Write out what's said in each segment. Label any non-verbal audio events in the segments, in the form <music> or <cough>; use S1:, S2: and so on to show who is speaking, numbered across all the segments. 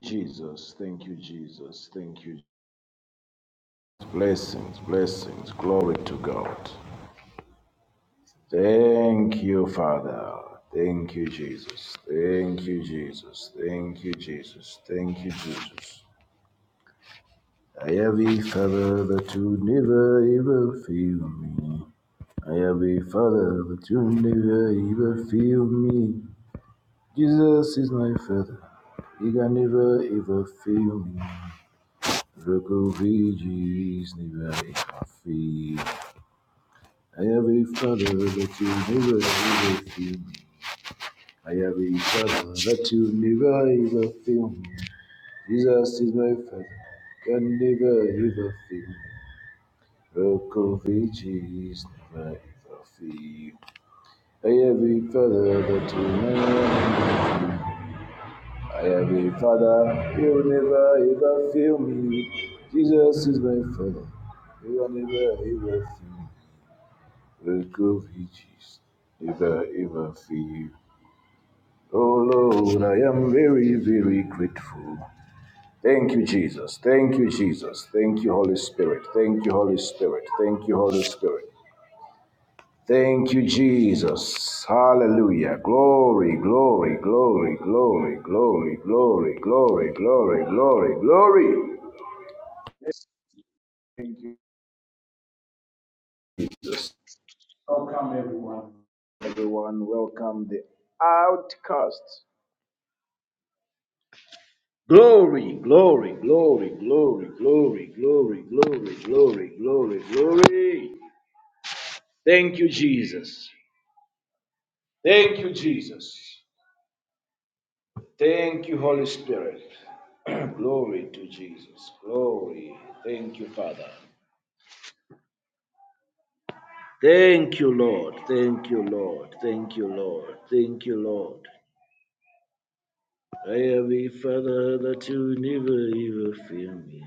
S1: Jesus, thank you, Jesus, thank you. Blessings, blessings, glory to God. Thank you, Father. Thank you, Jesus. Thank you, Jesus. Thank you, Jesus. Thank you, Jesus. I have a father that you never ever feel me. I have a father that you never ever feel me. Jesus is my father. He can never ever fail me. Refugees never happy. I have a father that you never ever feel me. I have a father that you never ever feel me. Jesus is my father, can never ever feel me. Refugees never ever feel. I have a father that you never ever feel me. I have a father, he will never ever fail me. Jesus is my father, he will never ever fail me. Vukovichis, Ever, ever feel, Oh Lord, I am very, very grateful. Thank you, Jesus. Thank you, Jesus. Thank you, Holy Spirit. Thank you, Holy Spirit. Thank you, Holy Spirit. Thank you, Jesus. Hallelujah. Glory, glory, glory, glory, glory, glory, glory, glory, glory, glory. Thank you, Jesus. Outcast. Glory, glory, glory, glory, glory, glory, glory, glory, glory, glory. Thank you, Jesus. Thank you, Jesus. Thank you, Holy Spirit. <clears throat> glory to Jesus. Glory. Thank you, Father. Thank you, Lord. Thank you, Lord. Thank you, Lord. Thank you, Lord. I have a father that you never ever feel me.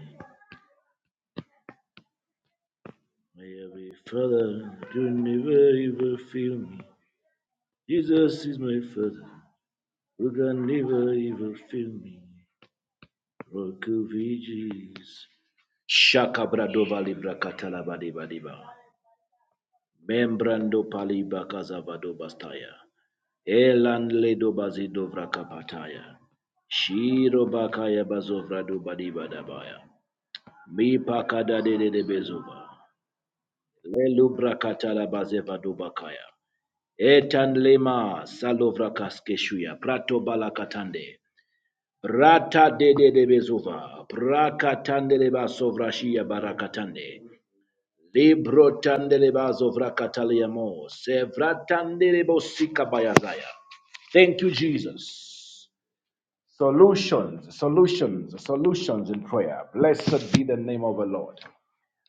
S1: I have a father that you never ever feel me. Jesus is my Father, who can never ever fail me. Rock of Ages. Shakabradova libra katalaba deba deba. Membrando paliba kazavado bastaya. Elan ledo bazidovra kapataya. Shiro bakaya bazovra do badiba dabaya. Mi pakada de de de bezova. Lelubra katala bazeva do bakaya. Etan lema salovra kaskeshuya. Prato balakatande. Rata de de de bezuva, prakatande de basovrashia barakatande, libro tande de bazovrakataliamo, sevratande de bosika bayazaya. Thank you, Jesus. Solutions, solutions, solutions in prayer. Blessed be the name of the Lord.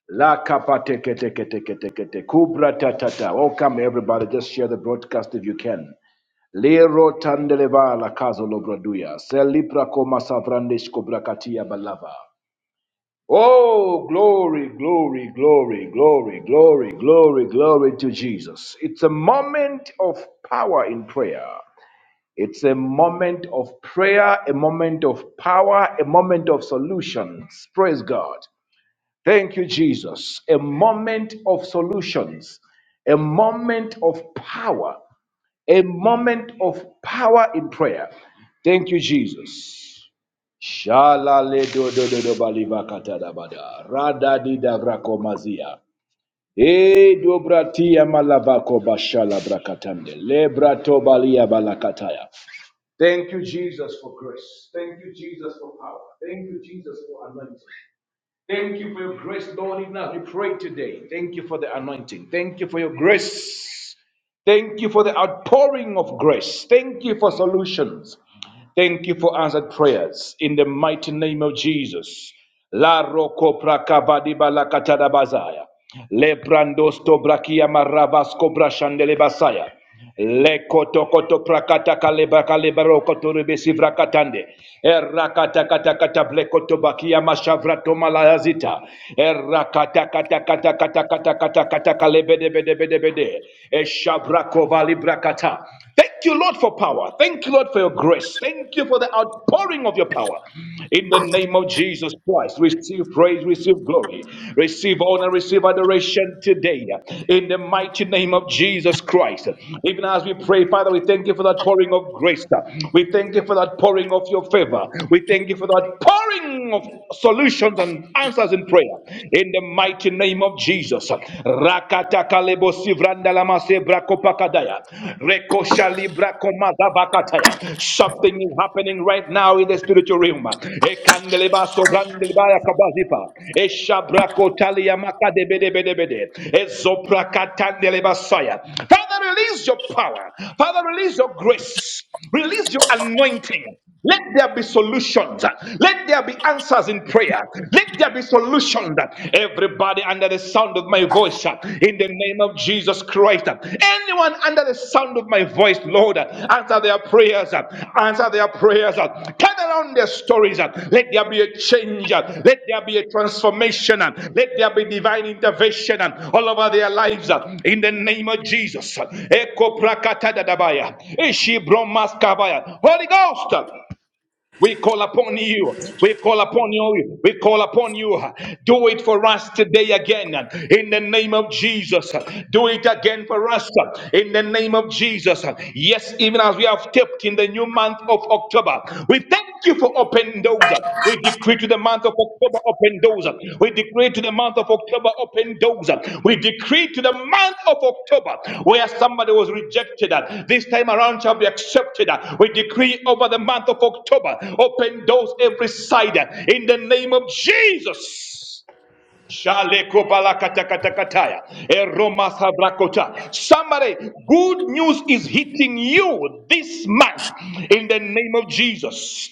S1: La kapa teke teke teke teke te. Kubra ta Welcome everybody. Just share the broadcast if you can. Lero tandeleva la caso lobraduya, celibra coma savrandes cobracatia balava. Oh, glory, glory, glory, glory, glory, glory, glory to Jesus. It's a moment of power in prayer. It's a moment of prayer, a moment of power, a moment of solutions. Praise God. Thank you, Jesus. A moment of solutions, a moment of power a moment of power in prayer. Thank you, Jesus. Shalale do do do do baliva katada bada. Rada di da vrako E dobrati amalavako bashala brakatande. Lebrato balia balakataya. Thank you, Jesus, for grace. Thank you, Jesus, for power. Thank you, Jesus, for anointing. Thank you for your grace, Lord, even as we pray today. Thank you for the anointing. Thank you for your grace. Thank you for the outpouring of grace. Thank you for solutions. Thank you for answered prayers in the mighty name of Jesus. La roko prakavadiba la katadabazaya. Le brandos brakia maravasko brashandele basaya. Le koto koto prakata kaleba kaleba roko turebesi vrakatande. Erra kata kata kata ble bakia mashavra to Erra kata kata kata kata kata kata kata kalebe de bede bede bede. Eshabra brakata. Thank you, Lord, for power. Thank you, Lord, for your grace. Thank you for the outpouring of your power. In the name of Jesus Christ, receive praise, receive glory, receive honor, receive adoration today. In the mighty name of Jesus Christ. Even as we pray, Father, we thank you for that pouring of grace. We thank you for that pouring of your favor. We thank you for that pouring of solutions and answers in prayer. In the mighty name of Jesus. Rakata kalebo sivranda lama sebra kopakadaya. Reko shalibra komada bakataya. Something is happening right now in the spiritual realm. Ekandeleba sobrandeleba yakabazipa. Eshabra kotalia makadebedebedebede. Ezopra katandeleba saya. Father, release your power. Father, release your grace. Release your anointing. Let there be solutions. Let there be answers in prayer. Let there be solutions. Everybody under the sound of my voice, uh, in the name of Jesus Christ. uh, Anyone under the sound of my voice, Lord, uh, answer their prayers. uh, Answer their prayers. uh, Turn around their stories. uh, Let there be a change. uh, Let there be a transformation. uh, Let there be divine intervention uh, all over their lives. uh, In the name of Jesus. Eko prakata dadabaya. Ishi bromas kabaya. Holy Ghost. We call upon you. We call upon you. We call upon you. Do it for us today again in the name of Jesus. Do it again for us in the name of Jesus. Yes, even as we have stepped in the new month of October, we thank you for opening doors. We decree to the month of October open doors. We decree to the month of October open doors. We decree to the month of October where somebody was rejected. This time around shall be accepted. We decree over the month of October open doors every side in the name of Jesus. Shale kobala kata kata kataya. Eroma sabrakota. Somebody, good news is hitting you this month in the name of Jesus.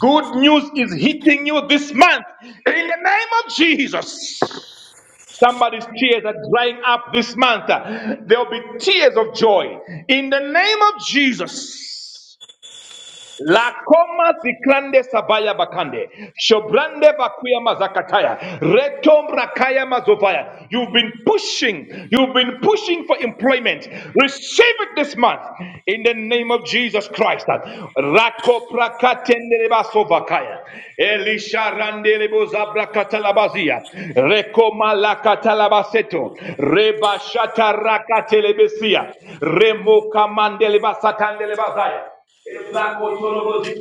S1: Good news is hitting you this month in the name of Jesus. Somebody's tears are drying up this month. There'll be tears of joy in the name of Jesus. La coma zikrande sabaya bakande. Shobrande bakuya mazakataya. Retombra kaya mazovaya. You've been pushing. You've been pushing for employment. Receive it this month. In the name of Jesus Christ. Rako prakatendereba sovakaya. Elisha randelebo zabrakatalabazia. Reko malakatalabaseto. Reba shata rakatelebesia. Remo kamandeleba satandelebazaya. Glory,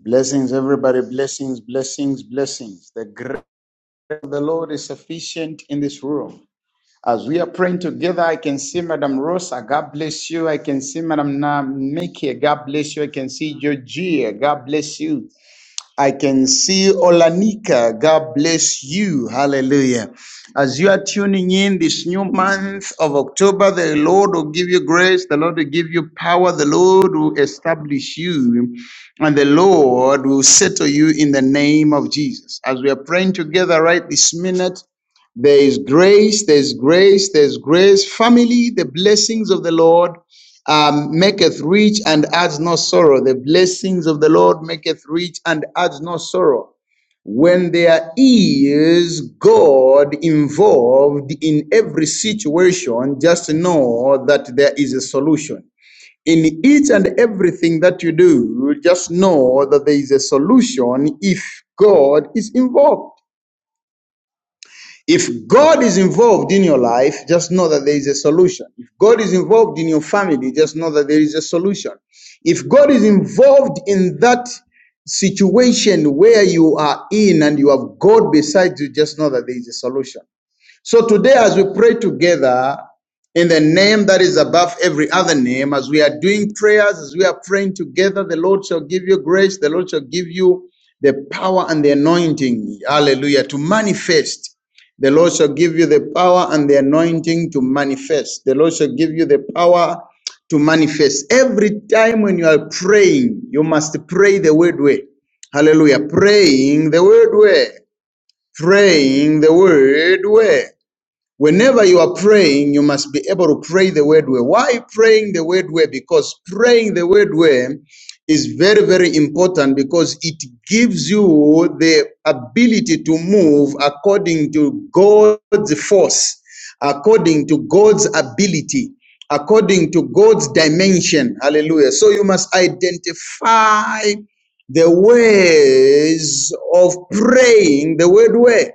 S2: Blessings, everybody. Blessings, blessings, blessings. The grace of the Lord is sufficient in this room. As we are praying together, I can see Madam Rosa. God bless you. I can see Madam Mickey. God bless you. I can see Georgia. God bless you. I can see Olanika. God bless you. Hallelujah. As you are tuning in this new month of October, the Lord will give you grace. The Lord will give you power. The Lord will establish you. And the Lord will settle you in the name of Jesus. As we are praying together right this minute, there is grace, there's grace, there's grace. Family, the blessings of the Lord um, maketh rich and adds no sorrow. The blessings of the Lord maketh rich and adds no sorrow. When there is God involved in every situation, just know that there is a solution. In each and everything that you do, just know that there is a solution if God is involved. If God is involved in your life, just know that there is a solution. If God is involved in your family, just know that there is a solution. If God is involved in that situation where you are in and you have God beside you, just know that there is a solution. So today, as we pray together in the name that is above every other name, as we are doing prayers, as we are praying together, the Lord shall give you grace, the Lord shall give you the power and the anointing, hallelujah, to manifest. The Lord shall give you the power and the anointing to manifest. The Lord shall give you the power to manifest. Every time when you are praying, you must pray the word way. Hallelujah. Praying the word way. Praying the word way. Whenever you are praying, you must be able to pray the word way. Why praying the word way? Because praying the word way is very, very important because it gives you the ability to move according to God's force, according to God's ability, according to God's dimension. Hallelujah. So you must identify the ways of praying the word way.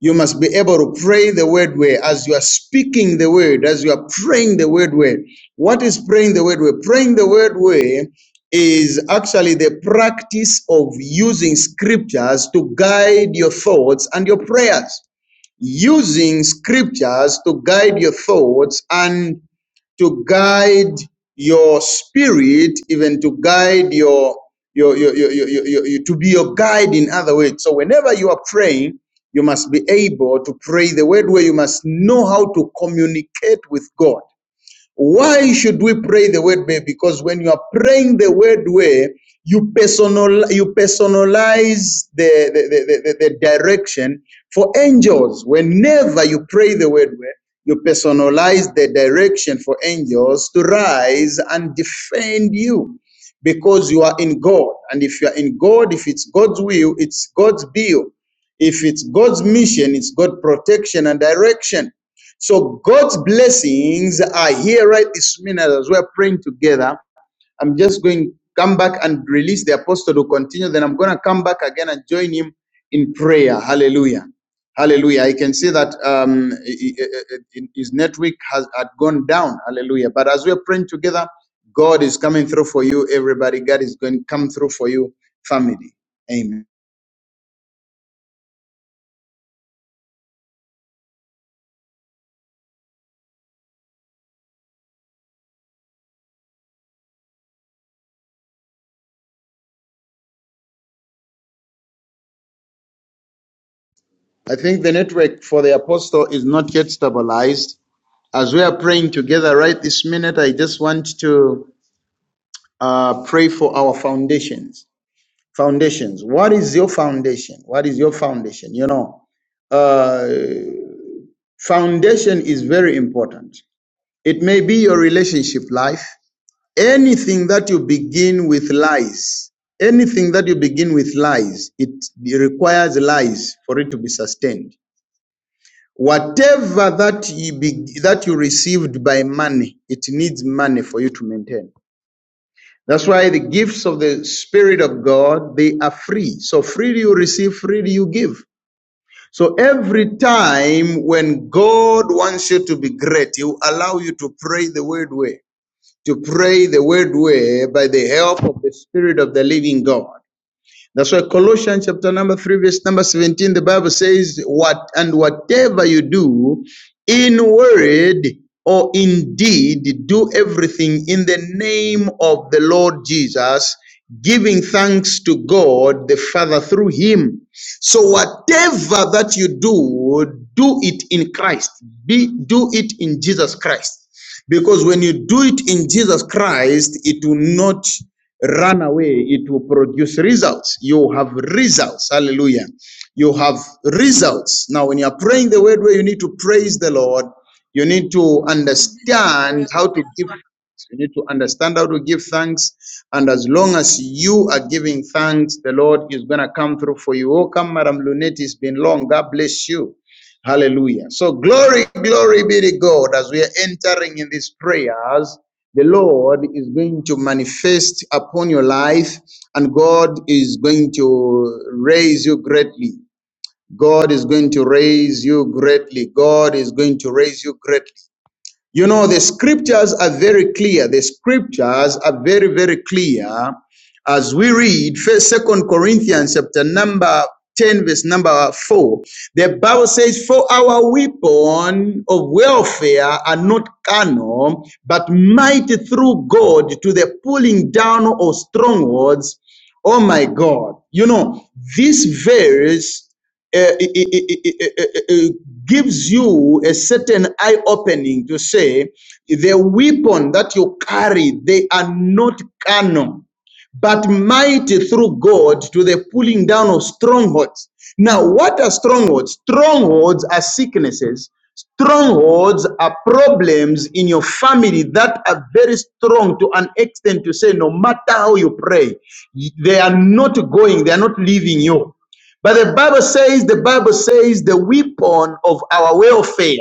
S2: You must be able to pray the word way as you are speaking the word, as you are praying the word way. What is praying the word way? Praying the word way is actually the practice of using scriptures to guide your thoughts and your prayers. Using scriptures to guide your thoughts and to guide your spirit, even to guide your your, your, your, your, your, your- your- to be your guide in other ways. So whenever you are praying, you must be able to pray the word where you must know how to communicate with God. Why should we pray the word way? Because when you are praying the word way, you personal you personalize the, the, the, the, the direction for angels. Whenever you pray the word way, you personalize the direction for angels to rise and defend you because you are in God. And if you are in God, if it's God's will, it's God's bill. If it's God's mission, it's God's protection and direction. So God's blessings are here right this minute as we're praying together. I'm just going to come back and release the apostle to continue. Then I'm going to come back again and join him in prayer. Hallelujah. Hallelujah. I can see that um, his network has had gone down. Hallelujah. But as we're praying together, God is coming through for you, everybody. God is going to come through for you, family. Amen. I think the network for the apostle is not yet stabilized. As we are praying together right this minute, I just want to uh, pray for our foundations. Foundations. What is your foundation? What is your foundation? You know, uh, foundation is very important. It may be your relationship life. Anything that you begin with lies, anything that you begin with lies, it requires lies for it to be sustained. Whatever that you be, that you received by money, it needs money for you to maintain. That's why the gifts of the Spirit of God, they are free. So freely you receive, freely you give. So every time when God wants you to be great, He will allow you to pray the word way, to pray the word way by the help of the Spirit of the living God. That's why Colossians chapter number 3, verse number 17, the Bible says, What and whatever you do in word or in deed, do everything in the name of the Lord Jesus, giving thanks to God the Father through him. So whatever that you do, do it in Christ. Be do it in Jesus Christ. Because when you do it in Jesus Christ, it will not run away, it will produce results. You have results. Hallelujah. You have results. Now, when you are praying the word where you need to praise the Lord, you need to understand
S3: Well,
S2: how to give thanks. You need to understand how to give thanks. And as long as you are giving thanks, the Lord is going to come through for you. Oh, come, Madam Lunette, it's been long. God bless you. Hallelujah. So glory, glory be to God as we are entering in these prayers. The Lord is going to manifest upon your life and God is going to raise you greatly. God is going to raise you greatly. God is going to raise you greatly. You know, the scriptures are very clear. The scriptures are very, very clear. As we read first second Corinthians chapter number 10, verse number 4, the Bible says, For our weapon of warfare are not carnal, but mighty through God to the pulling down of strongholds. Oh my God. You know, this verse uh, it, it, it, it, it gives you a certain eye opening to say the weapon that you carry, they are not carnal but mighty through God to the pulling down of strongholds. Now, what are strongholds? Strongholds are sicknesses. Strongholds are problems in your family that are very strong to an extent to say, no matter how you pray, they are not going, they are not leaving you. But the Bible says, the Bible says, the weapon of our welfare,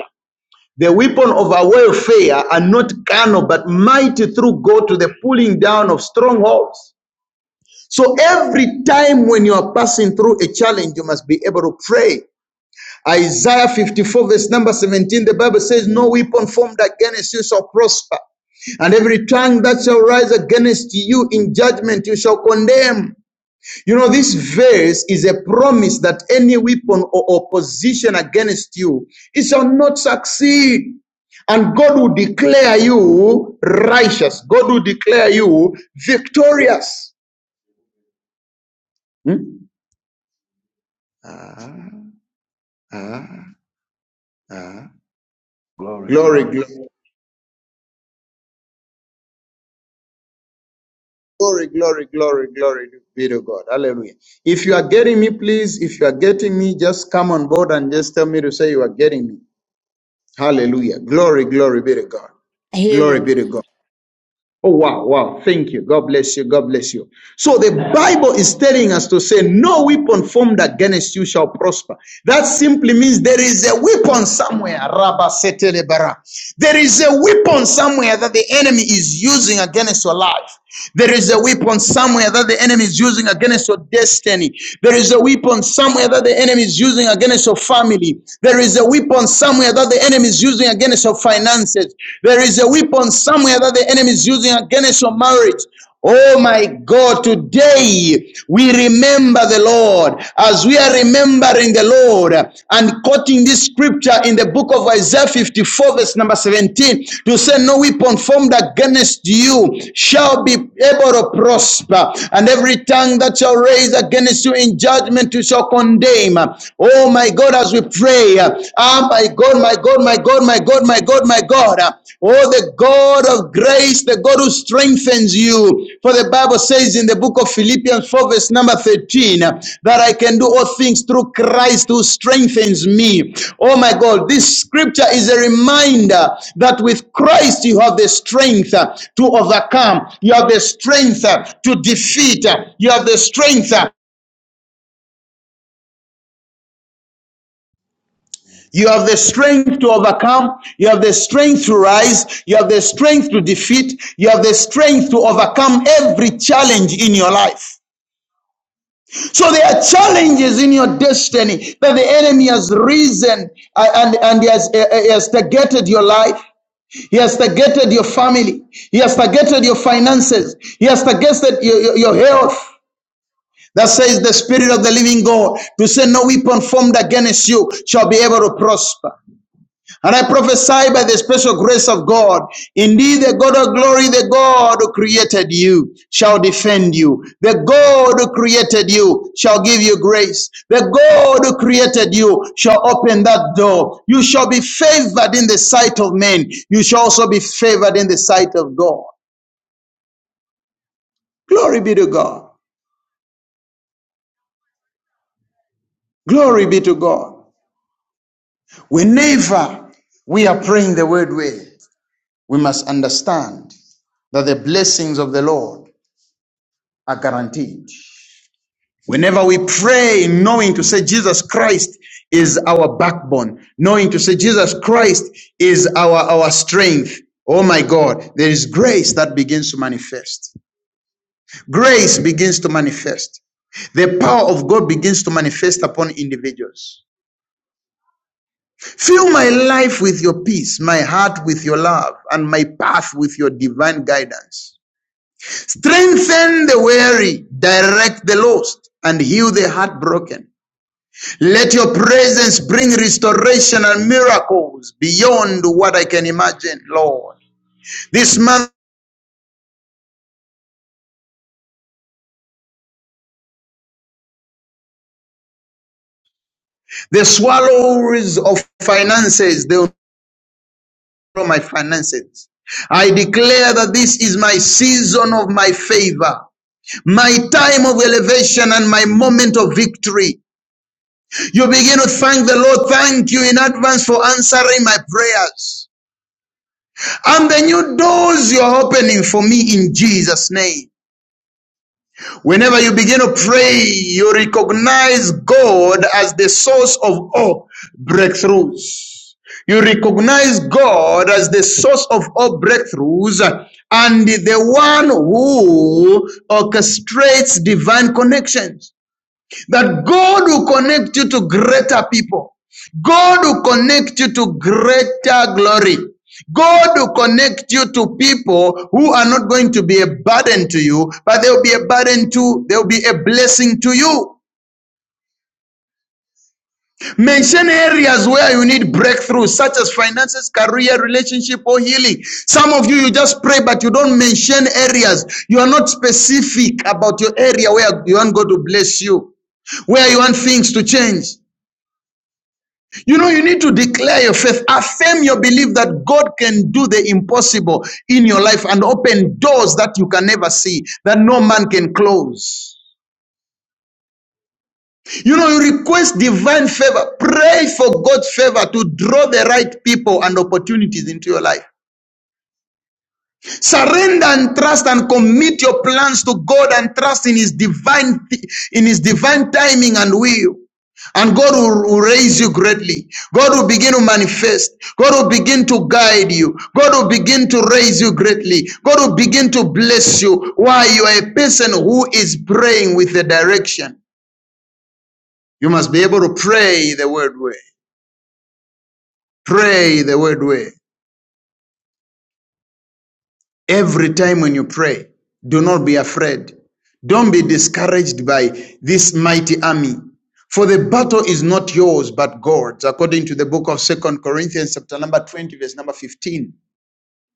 S2: the weapon of our welfare are not carnal, but mighty through God to the pulling down of strongholds. So every time when you are passing through a challenge, you must be able to pray. Isaiah 54, verse number 17, the Bible says, No weapon formed against you shall prosper. And every tongue that shall rise against you in judgment, you shall condemn. You know, this verse is a promise that any weapon or opposition against you, it shall not succeed. And God will declare you righteous. God will declare you victorious. Hmm? Ah. Ah, ah. Glory,
S1: glory.
S2: glory, glory, glory, glory, glory be to God. Hallelujah. If you are getting me, please, if you are getting me, just come on board and just tell me to say you are getting me. Hallelujah. Glory, glory be to God.
S4: I hear
S2: Glory
S4: you.
S2: be to God. Oh, wow, wow. Thank you. God bless you. God bless you. So the Bible is telling us to say, No weapon formed against you shall prosper. That simply means there is a weapon somewhere. Rabba setele bara. There is a weapon somewhere that the enemy is using against your life. There is a weapon somewhere that the enemy is using against your destiny. There is a weapon somewhere that the enemy is using against your family. There is a weapon somewhere that the enemy is using against your against your finances. There is a weapon somewhere that the enemy is using against your marriage. Oh my God, today we remember the Lord as we are remembering the Lord and quoting this scripture in the book of Isaiah 54, verse number 17 to say, No weapon formed against you shall be able to prosper, and every tongue that shall raise against you in judgment you shall condemn. Oh my God. God, as we pray. uh, Ah, my God, my God, my God, my God, my God, my God. uh, Oh, the God of grace, the God who strengthens you. For the Bible says in the book of Philippians 4, verse number 13, uh, that I can do all things through Christ who strengthens me. Oh, my God, this scripture is a reminder that with Christ you have the strength uh, to overcome, you have the strength uh, to defeat, uh, you have the strength uh, You have the strength to overcome. You have the strength to rise. You have the strength to defeat. You have the strength to overcome every challenge in your life. So there are challenges in your destiny that the enemy has risen uh, and, and he has, uh, uh, he has targeted your life. He has targeted your family. He has targeted your finances. He has targeted your, your, your health. That says the Spirit of the Living God to say, No weapon formed against you shall be able to prosper. And I prophesy by the special grace of God, indeed the God of glory, the God who created you, shall defend you. The God who created you shall give you grace. The God who created you shall open that door. You shall be favored in the sight of men. You shall also be favored in the sight of God. Glory be to God. Glory be to God. Whenever we are praying the word way, we must understand that the blessings of the Lord are guaranteed. Whenever we pray, knowing to say Jesus Christ is our backbone, knowing to say Jesus Christ is our, our strength. Oh my God, there is grace that begins to manifest. Grace begins to manifest. The power of God begins to manifest upon individuals. Fill my life with your peace, my heart with your love, and my path with your divine guidance. Strengthen the weary, direct the lost, and heal the heartbroken. Let your presence bring restoration and miracles beyond what I can imagine, Lord. This month, the swallows of finances, they will swallow my finances. I declare that this is my season of my favor, my time of elevation, and my moment of victory. You begin to thank the Lord. Thank you in advance for answering my prayers. And the new doors you're opening for me in Jesus' name. Whenever you begin to pray, you recognize God as the source of all breakthroughs. You recognize God as the source of all breakthroughs and the one who orchestrates divine connections that God will connect you to greater people. God will connect you to greater glory. God will connect you to people who are not going to be a burden to you, but they'll be a burden to, they'll be a blessing to you. Mention areas where you need breakthrough, such as finances, career, relationship, or healing. Some of you, you just pray, but you don't mention areas. You are not specific about your area where you want God to bless you, where you want things to change. You know, you need to declare your faith, affirm your belief that God can do the impossible in your life and open doors that you can never see, that no man can close. You know, you request divine favor, pray for God's favor to draw the right people and opportunities into your life. Surrender and trust and commit your plans to God and trust in His divine in His divine timing and will. And God will raise you greatly. God will begin to manifest. God will begin to guide you. God will begin to raise you greatly. God will begin to bless you while you are a person who is praying with the direction. You must be able to pray the word way. Pray the word way. Every time when you pray, do not be afraid. Don't be discouraged by this mighty army. For the battle is not yours, but God's, according to the book of Second Corinthians, chapter number 20, verse number 15.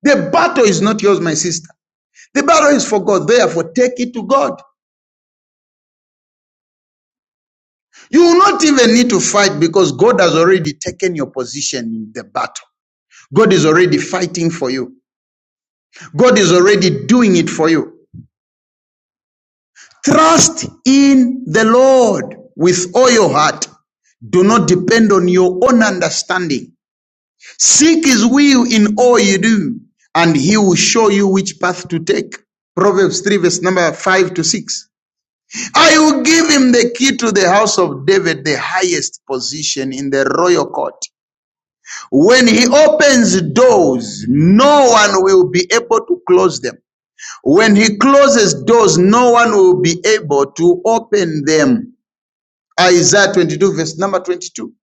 S2: The battle is not yours, my sister. The battle is for God. Therefore, take it to God. You will not even need to fight because God has already taken your position in the battle. God is already fighting for you. God is already doing it for you. Trust in the Lord with all your heart. Do not depend on your own understanding. Seek his will in all you do, and he will show you which path to take. Proverbs 3, verse number 5 to 6. I will give him the key to the house of David, the highest position in the royal court. When he opens doors, no one will be able to close them. When he closes doors, no one will be able to open them. Isaiah 22, verse number 22.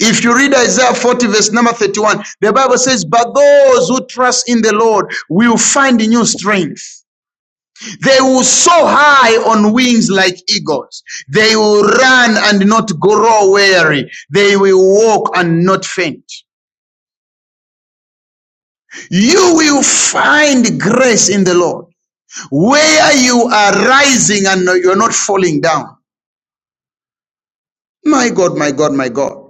S2: If you read Isaiah 40, verse number 31, the Bible says, But those who trust in the Lord will find new strength. They will soar high on wings like eagles. They will run and not grow weary. They will walk and not faint. You will find grace in the Lord where you are rising and you're not falling down. My God, my God, my God.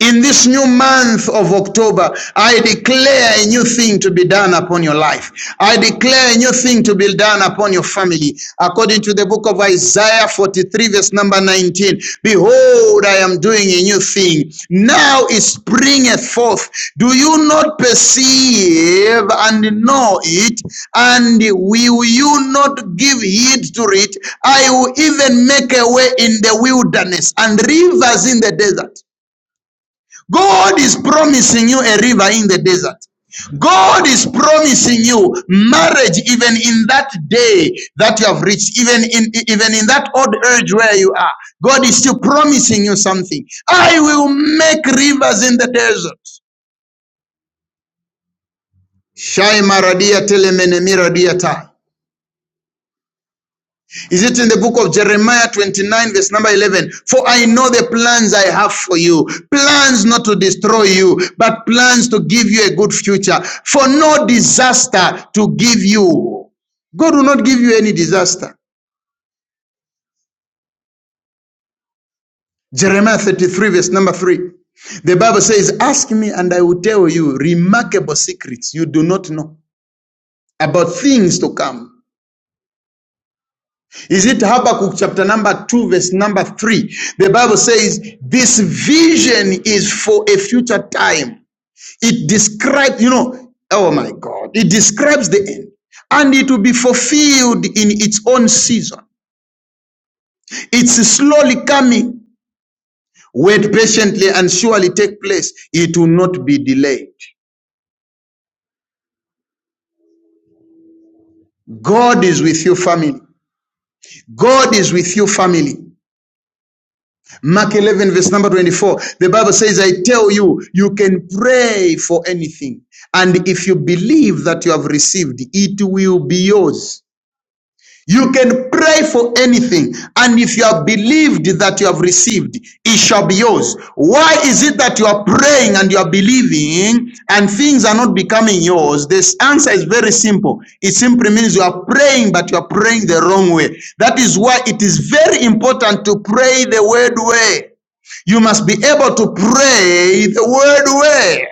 S2: In this new month of October, I declare a new thing to be done upon your life. I declare a new thing to be done upon your family. According to the book of Isaiah 43, verse number 19, behold, I am doing a new thing. Now it springeth forth. Do you not perceive and know it? And will you not give heed to it? I will even make a way in the wilderness and rivers in the desert. God is promising you a river in the desert. God is promising you marriage even in that day that you have reached, even in even in that old age where you are. God is still promising you something. I will make rivers in the desert. Shai maradia telemene miradia tai. Is it in the book of Jeremiah 29, verse number 11? For I know the plans I have for you, plans not to destroy you, but plans to give you a good future, for no disaster to give you. God will not give you any disaster. Jeremiah 33, verse number 3. The Bible says, Ask me, and I will tell you remarkable secrets you do not know about things to come. Is it Habakkuk chapter number 2, verse number 3? The Bible says, This vision is for a future time. It describes, you know, oh my God, it describes the end. And it will be fulfilled in its own season. It's slowly coming. Wait patiently and surely take place. It will not be delayed. God is with you, family. God is with you, family. Mark 11, verse number 24. The Bible says, I tell you, you can pray for anything. And if you believe that you have received, it will be yours. You can pray for anything, and if you have believed that you have received, it shall be yours. Why is it that you are praying and you are believing and things are not becoming yours? This answer is very simple. It simply means you are praying, but you are praying the wrong way. That is why it is very important to pray the word way. You must be able to pray the word way.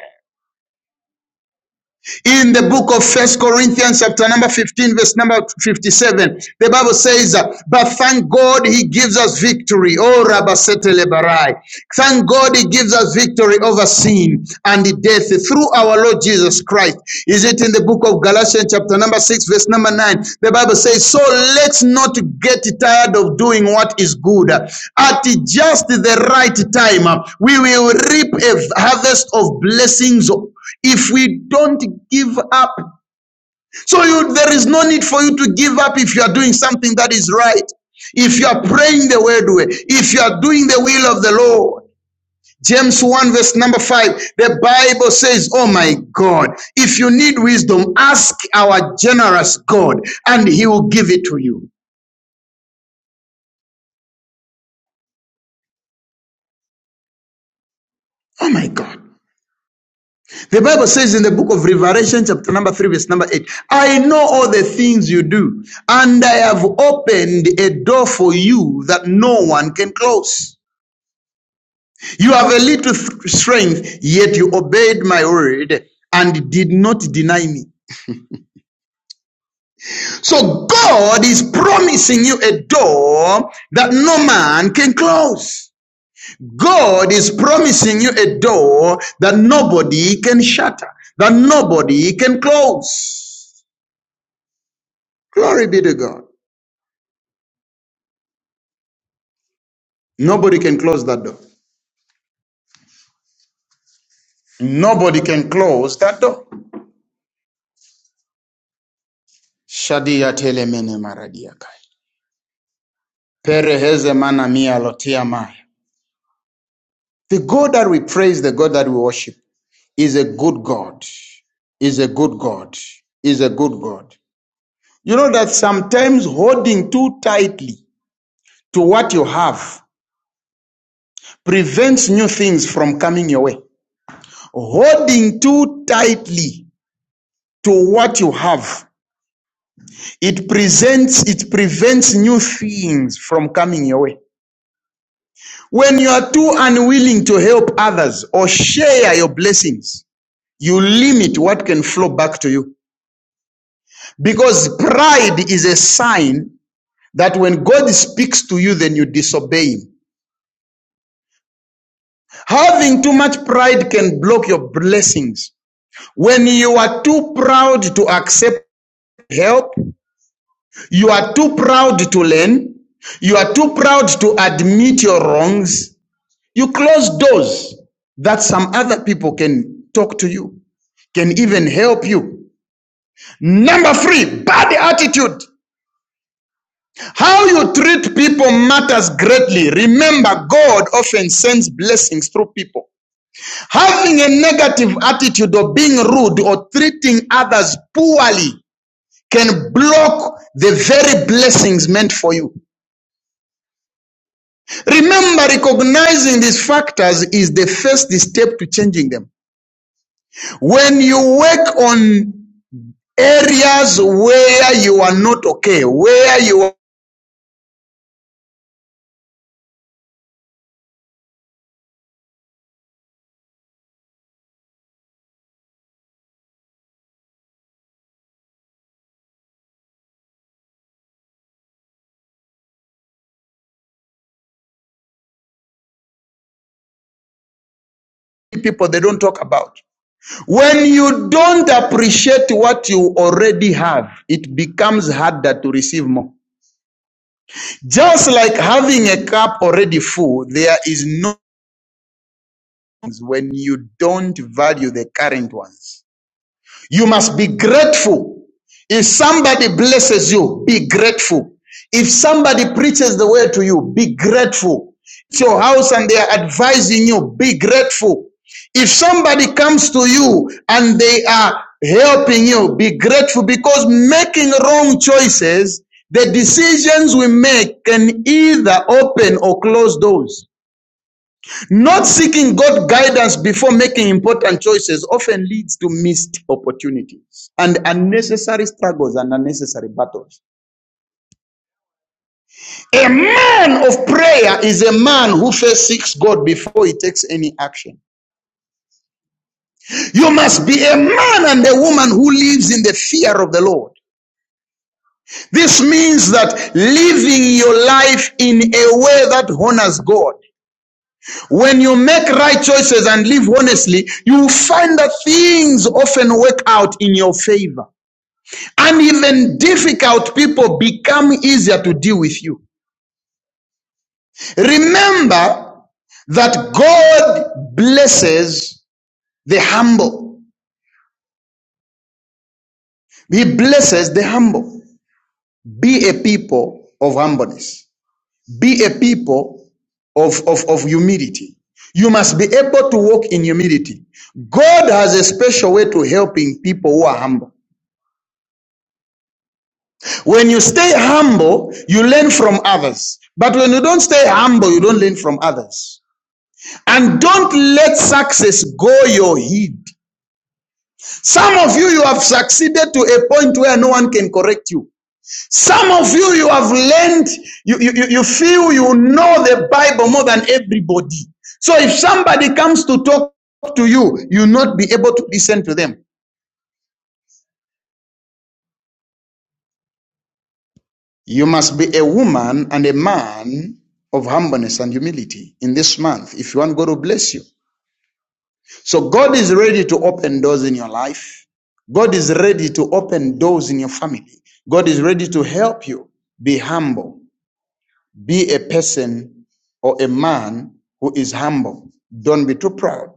S2: In the book of First Corinthians, chapter number 15, verse number 57, the Bible says, uh, But thank God he gives us victory. Oh, Rabasetele Barai. Thank God he gives us victory over sin and death through our Lord Jesus Christ. Is it in the book of Galatians, chapter number 6, verse number 9? The Bible says, So let's not get tired of doing what is good. At just the right time, uh, we will reap a harvest of blessings if we don't give up so you there is no need for you to give up if you are doing something that is right if you are praying the word way if you are doing the will of the lord james 1 verse number 5 the bible says oh my god if you need wisdom ask our generous god and he will give it to you oh my god The Bible says in the book of Revelation, chapter number 3, verse number 8, I know all the things you do, and I have opened a door for you that no one can close. You have a little strength, yet you obeyed my word and did not deny me. So God is promising you a door that no man can close. God is promising you a door that nobody can shatter, that nobody can close. Glory be to God. Nobody can close that door. Nobody can close that door. Shadia telemene maradiakai. Pereheze mana mia lotia maya. The God that we praise, the God that we worship, is a good God. Is a good God. Is a good God. You know that sometimes holding too tightly to what you have prevents new things from coming your way. Holding too tightly to what you have It presents, it prevents new things from coming your way. When you are too unwilling to help others or share your blessings, you limit what can flow back to you. Because pride is a sign that when God speaks to you, then you disobey Him. Having too much pride can block your blessings. When you are too proud to accept help, you are too proud to learn, you are too proud to admit your wrongs, You close doors that some other people can talk to you, can even help you. Number three, bad attitude. How you treat people matters greatly. Remember, God often sends blessings through people. Having a negative attitude or being rude or treating others poorly can block the very blessings meant for you. Remember, recognizing these factors is the first step to changing them. When you work on areas where you are not okay, where you are people they don't talk about. When you don't appreciate what you already have, it becomes harder to receive more. Just like having a cup already full, there is no when you don't value the current ones. You must be grateful. If somebody blesses you, be grateful. If somebody preaches the word to you, be grateful. It's your house and they are advising you, be grateful. If somebody comes to you and they are helping you, be grateful because making wrong choices, the decisions we make can either open or close doors. Not seeking God guidance before making important choices often leads to missed opportunities and unnecessary struggles and unnecessary battles. A man of prayer is a man who first seeks God before he takes any action. You must be a man and a woman who lives in the fear of the Lord. This means that living your life in a way that honors God. When you make right choices and live honestly, you will find that things often work out in your favor. And even difficult people become easier to deal with you. Remember that God blesses the humble. He blesses the humble. Be a people of humbleness. Be a people of, of, of humility. You must be able to walk in humility. God has a special way to helping people who are humble. When you stay humble, you learn from others. But when you don't stay humble, you don't learn from others. And don't let success go your head. Some of you, you have succeeded to a point where no one can correct you. Some of you, you have learned, you, you, you feel you know the Bible more than everybody. So if somebody comes to talk to you, you'll not be able to listen to them. You must be a woman and a man of humbleness and humility in this month if you want God to bless you. So God is ready to open doors in your life. God is ready to open doors in your family. God is ready to help you. Be humble. Be a person or a man who is humble. Don't be too proud.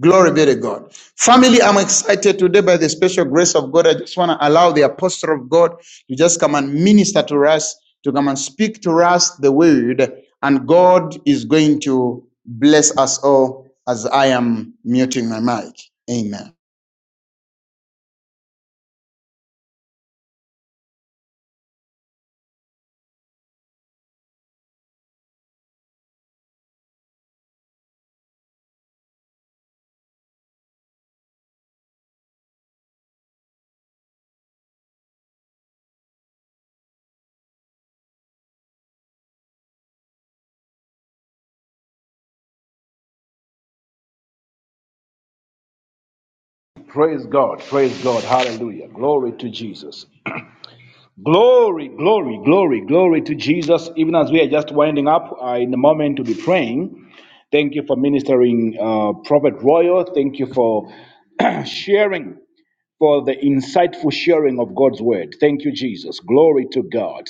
S2: Glory be to God. Family, I'm excited today by the special grace of God. I just want to allow the apostle of God to just come and minister to us, to come and speak to us the word. And God is going to bless us all as I am muting my mic. Amen.
S1: Praise God. Praise God. Hallelujah. Glory to Jesus. Glory, glory, glory, glory to Jesus. Even as we are just winding up uh, in the moment to be praying, thank you for ministering, uh, Prophet Royal. Thank you for <clears throat> sharing, for the insightful sharing of God's word. Thank you, Jesus. Glory to God.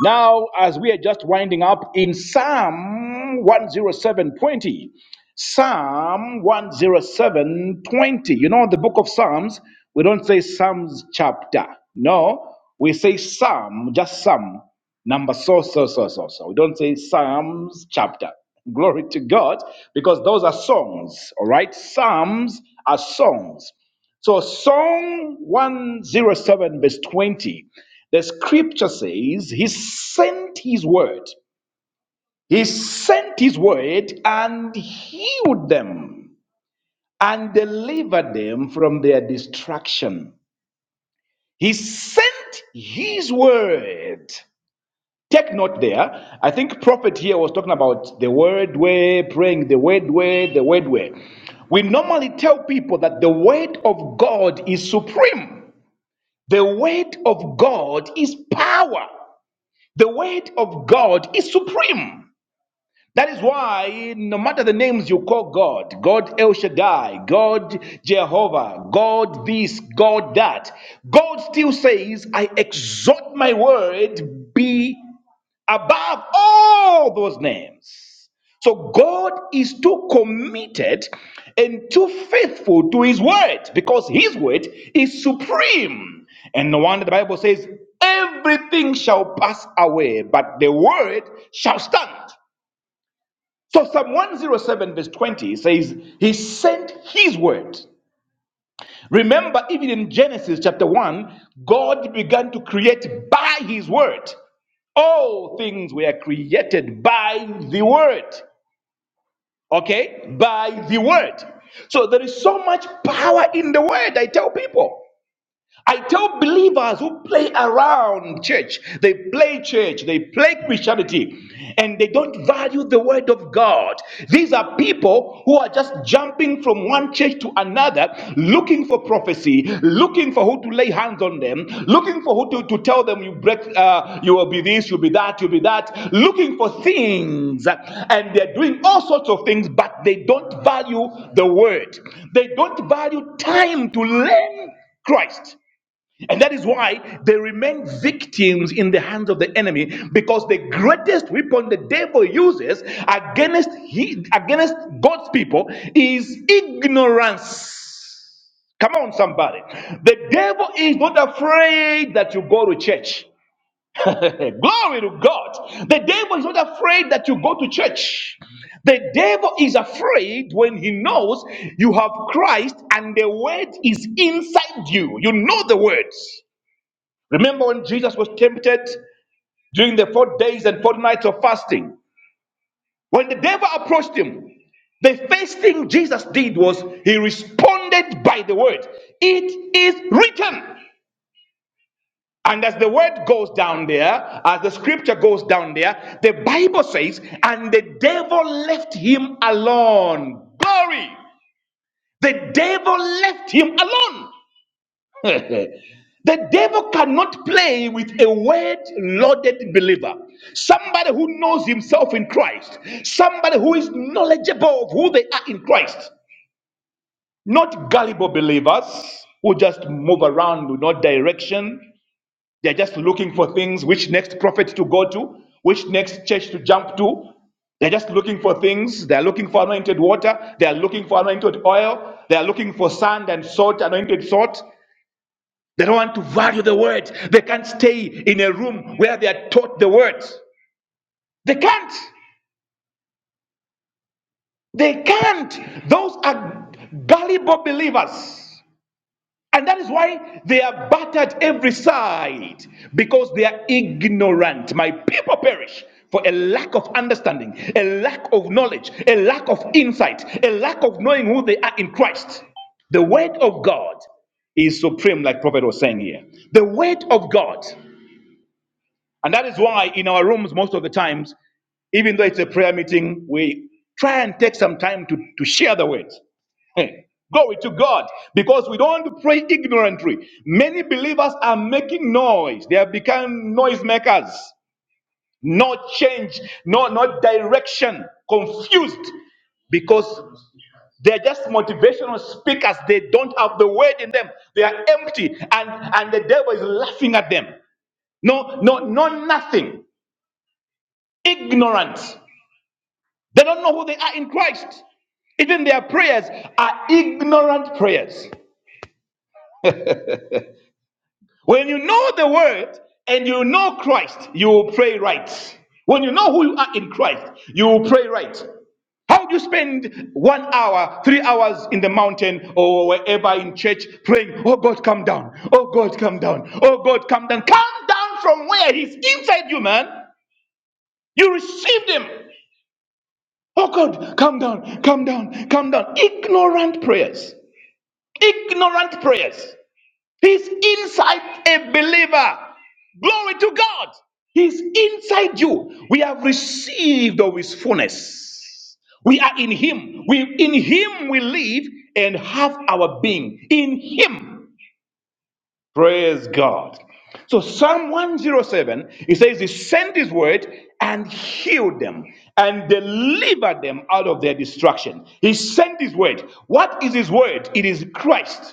S1: Now, as we are just winding up in Psalm 107:20, Psalm 107:20. You know, the book of Psalms, we don't say Psalms chapter. No, we say Psalm, just Psalm, number so, so, so, so, so. We don't say Psalms chapter. Glory to God, because those are songs, all right? Psalms are songs. So, Psalm 107, verse 20. The scripture says he sent his word. He sent his word and healed them and delivered them from their distraction. He sent his word. Take note there. I think prophet here was talking about the word way, praying the word way, the word way. We normally tell people that the word of God is supreme. The word of God is power. The word of God is supreme. That is why, no matter the names you call God, God El Shaddai, God Jehovah, God this, God that, God still says, I exalt my word be above all those names. So God is too committed and too faithful to his word because his word is supreme. And no wonder the Bible says, everything shall pass away, but the word shall stand. So Psalm 107, verse 20 says, He sent His word. Remember, even in Genesis chapter 1, God began to create by His word. All things were created by the word. okay, by the word. So there is so much power in the word, I tell people. I tell believers who play around church, they play church, they play Christianity, and they don't value the word of God. These are people who are just jumping from one church to another, looking for prophecy, looking for who to lay hands on them, looking for who to, to tell them you break, uh, you will be this, you'll be that, you'll be that, looking for things, and they're doing all sorts of things, but they don't value the word. They don't value time to learn Christ. And that is why they remain victims in the hands of the enemy because the greatest weapon the devil uses against, he, against God's people is ignorance. Come on, somebody. The devil is not afraid that you go to church. <laughs> Glory to God. The devil is not afraid that you go to church. The devil is afraid when he knows you have Christ and the word is inside you. You know the words. Remember when Jesus was tempted during the four days and four nights of fasting? When the devil approached him, the first thing Jesus did was he responded by the word, It is written. And as the word goes down there, as the scripture goes down there, the Bible says, And the devil left him alone. Glory! The devil left him alone. <laughs> the devil cannot play with a word loaded believer. Somebody who knows himself in Christ. Somebody who is knowledgeable of who they are in Christ. Not gullible believers who just move around with no direction. They're just looking for things which next prophet to go to, which next church to jump to, they're just looking for things. They're looking for anointed water. They're looking for anointed oil. They're looking for sand and salt, anointed salt. They don't want to value the word. They can't stay in a room where they are taught the word. They can't. They can't. Those are gullible believers. And that is why they are battered every side because they are ignorant. My people perish for a lack of understanding, a lack of knowledge, a lack of insight, a lack of knowing who they are in Christ. The word of God is supreme, like Prophet was saying here. The word of God And that is why in our rooms, most of the times, even though it's a prayer meeting, we try and take some time to, to share the word. Hey, Glory to God, because we don't want to pray ignorantly. Many believers are making noise. They have become noisemakers. No change, no, no direction, confused, because they're just motivational speakers. They don't have the word in them. They are empty, and, and the devil is laughing at them. No, no, no, nothing. Ignorant. They don't know who they are in Christ. Even their prayers are ignorant prayers. When you know the word and you know Christ, you will pray right. When you know who you are in Christ, you will pray right. How do you spend one hour, three hours in the mountain or wherever in church praying, Oh God, come down. Oh God, come down. Oh God, come down. Come down from where? He's inside you, man. You received him. Oh God, calm down, calm down, calm down. Ignorant prayers. Ignorant prayers. He's inside a believer. Glory to God. He's inside you. We have received of his fullness. We are in him. We in him we live and have our being. In him. Praise God. So Psalm 107, it says, He sent His word and healed them and delivered them out of their destruction. He sent His word. What is His word? It is Christ.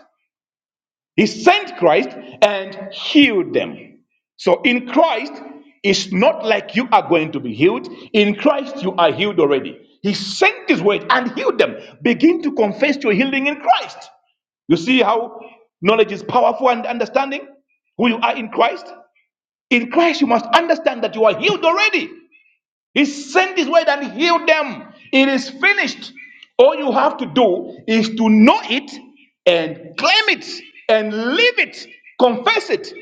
S1: He sent Christ and healed them. So in Christ, it's not like you are going to be healed. In Christ, you are healed already. He sent his word and healed them. Begin to confess your healing in Christ. You see how knowledge is powerful and understanding who you are in Christ? In Christ, you must understand that you are healed already. He sent his word and healed them. It is finished. All you have to do is to know it and claim it and live it, confess it,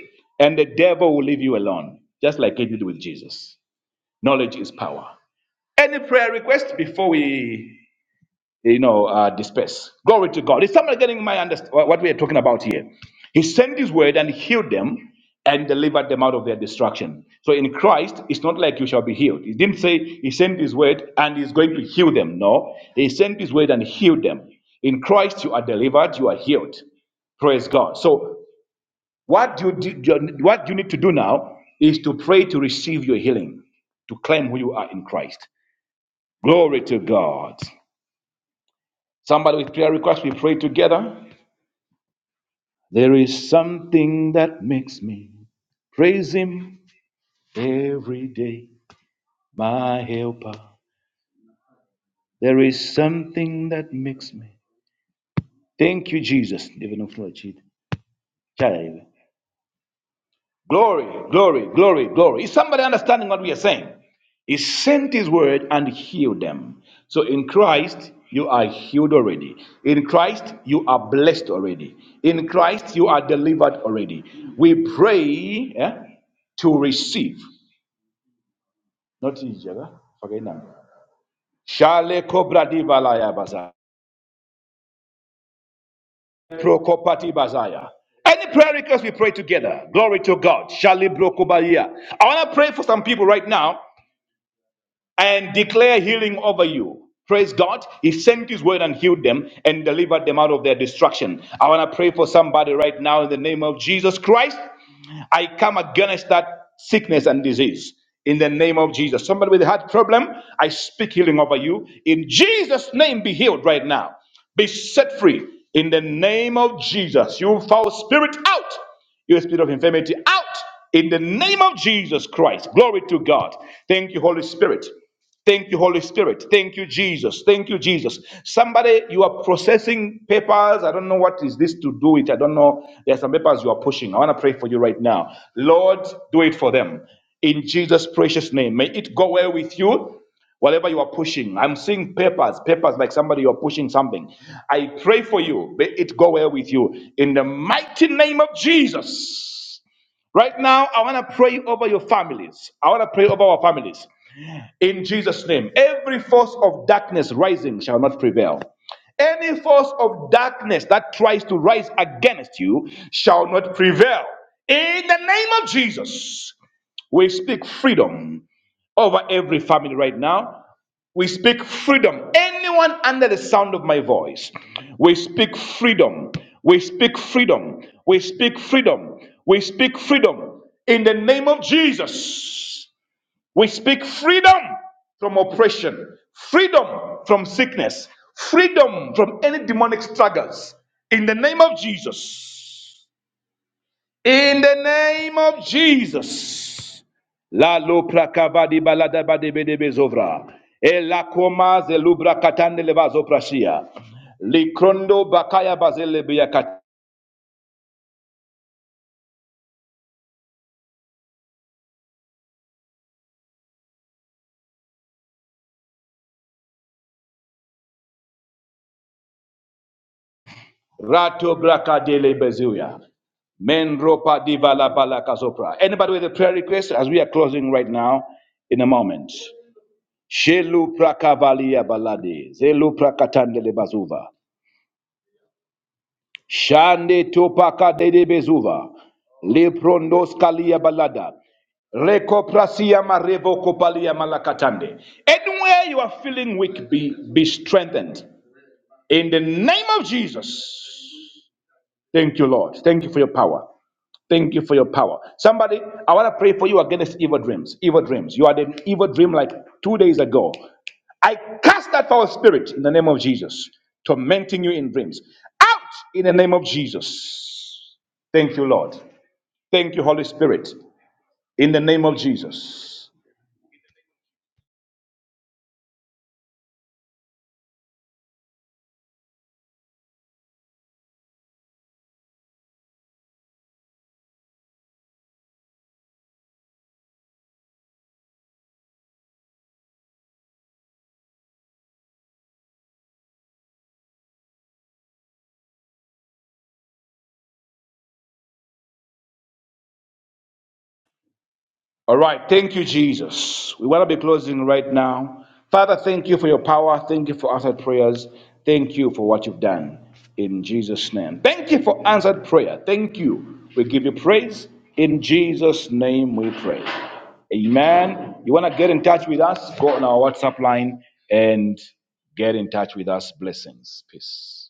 S1: and the devil will leave you alone, just like it did with Jesus. Knowledge is power. Any prayer request before we you know, uh, disperse. Glory to God. Is somebody getting my understanding what we are talking about here? He sent his word and healed them and delivered them out of their destruction. So in Christ, it's not like you shall be healed. He didn't say he sent his word and he's going to heal them. No, he sent his word and healed them. In Christ, you are delivered, you are healed. Praise God. So what you do, what you need to do now is to pray to receive your healing, to claim who you are in Christ. Glory to God. Somebody with prayer request, we pray together. There is something that makes me praise Him every day, my helper. There is something that makes me. Thank you, Jesus. Even if not cheat. Child. Glory, glory, glory, glory. Is somebody understanding what we are saying? He sent his word and healed them. So in Christ, you are healed already. In Christ, you are blessed already. In Christ, you are delivered already. We pray eh, to receive. Not each other. Okay, now. Shale kobra di valaya baza. Prokopati bazaya. Any prayer request we pray together. Glory to God. Shale brokobalia. I want to pray for some people right now. and declare healing over you. Praise God. He sent his word and healed them and delivered them out of their destruction. I want to pray for somebody right now in the name of Jesus Christ. I come against that sickness and disease in the name of Jesus. Somebody with a heart problem, I speak healing over you. In Jesus' name, be healed right now. Be set free in the name of Jesus. You foul spirit out. You spirit of infirmity out in the name of Jesus Christ. Glory to God. Thank you, Holy Spirit. Thank you, Holy Spirit. Thank you, Jesus. Thank you, Jesus. Somebody, you are processing papers. I don't know what is this to do it. I don't know. There are some papers you are pushing. I want to pray for you right now. Lord, do it for them. In Jesus' precious name. May it go well with you. Whatever you are pushing, I'm seeing papers, papers like somebody you're pushing something. I pray for you. May it go well with you. In the mighty name of Jesus. Right now, I want to pray over your families. I want to pray over our families in Jesus' name. Every force of darkness rising shall not prevail. Any force of darkness that tries to rise against you shall not prevail. In the name of Jesus, we speak freedom over every family right now. We speak freedom. Anyone under the sound of my voice, we speak freedom. We speak freedom. We speak freedom. We speak freedom in the name of Jesus. We speak freedom from oppression, freedom from sickness, freedom from any demonic struggles. In the name of Jesus. In the name of Jesus. La lopra kavadi balada bade bezovra. E koma ze katande leva Likrondo bakaya bazele Rato braka bezuya. Menropa divala balaka zopra. Anybody with a prayer request as we are closing right now in a moment? Shelu prakavalia balade. Zelu prakatandele bazuva. Shande topaka dede bezuva. Leprondos kalia balada. Recoprasia marevo kopalia malakatande. Anywhere you are feeling weak, be, be strengthened. In the name of Jesus. Thank you, Lord. Thank you for your power. Thank you for your power. Somebody, I want to pray for you against evil dreams. Evil dreams. You had an evil dream like two days ago. I cast that foul spirit in the name of Jesus, tormenting you in dreams. Out in the name of Jesus. Thank you, Lord. Thank you, Holy Spirit, in the name of Jesus. All right. Thank you, Jesus. We want to be closing right now. Father, thank you for your power. Thank you for answered prayers. Thank you for what you've done in Jesus' name. Thank you for answered prayer. Thank you. We give you praise. In Jesus' name we pray. Amen. You want to get in touch with us? Go on our WhatsApp line and get in touch with us. Blessings. Peace.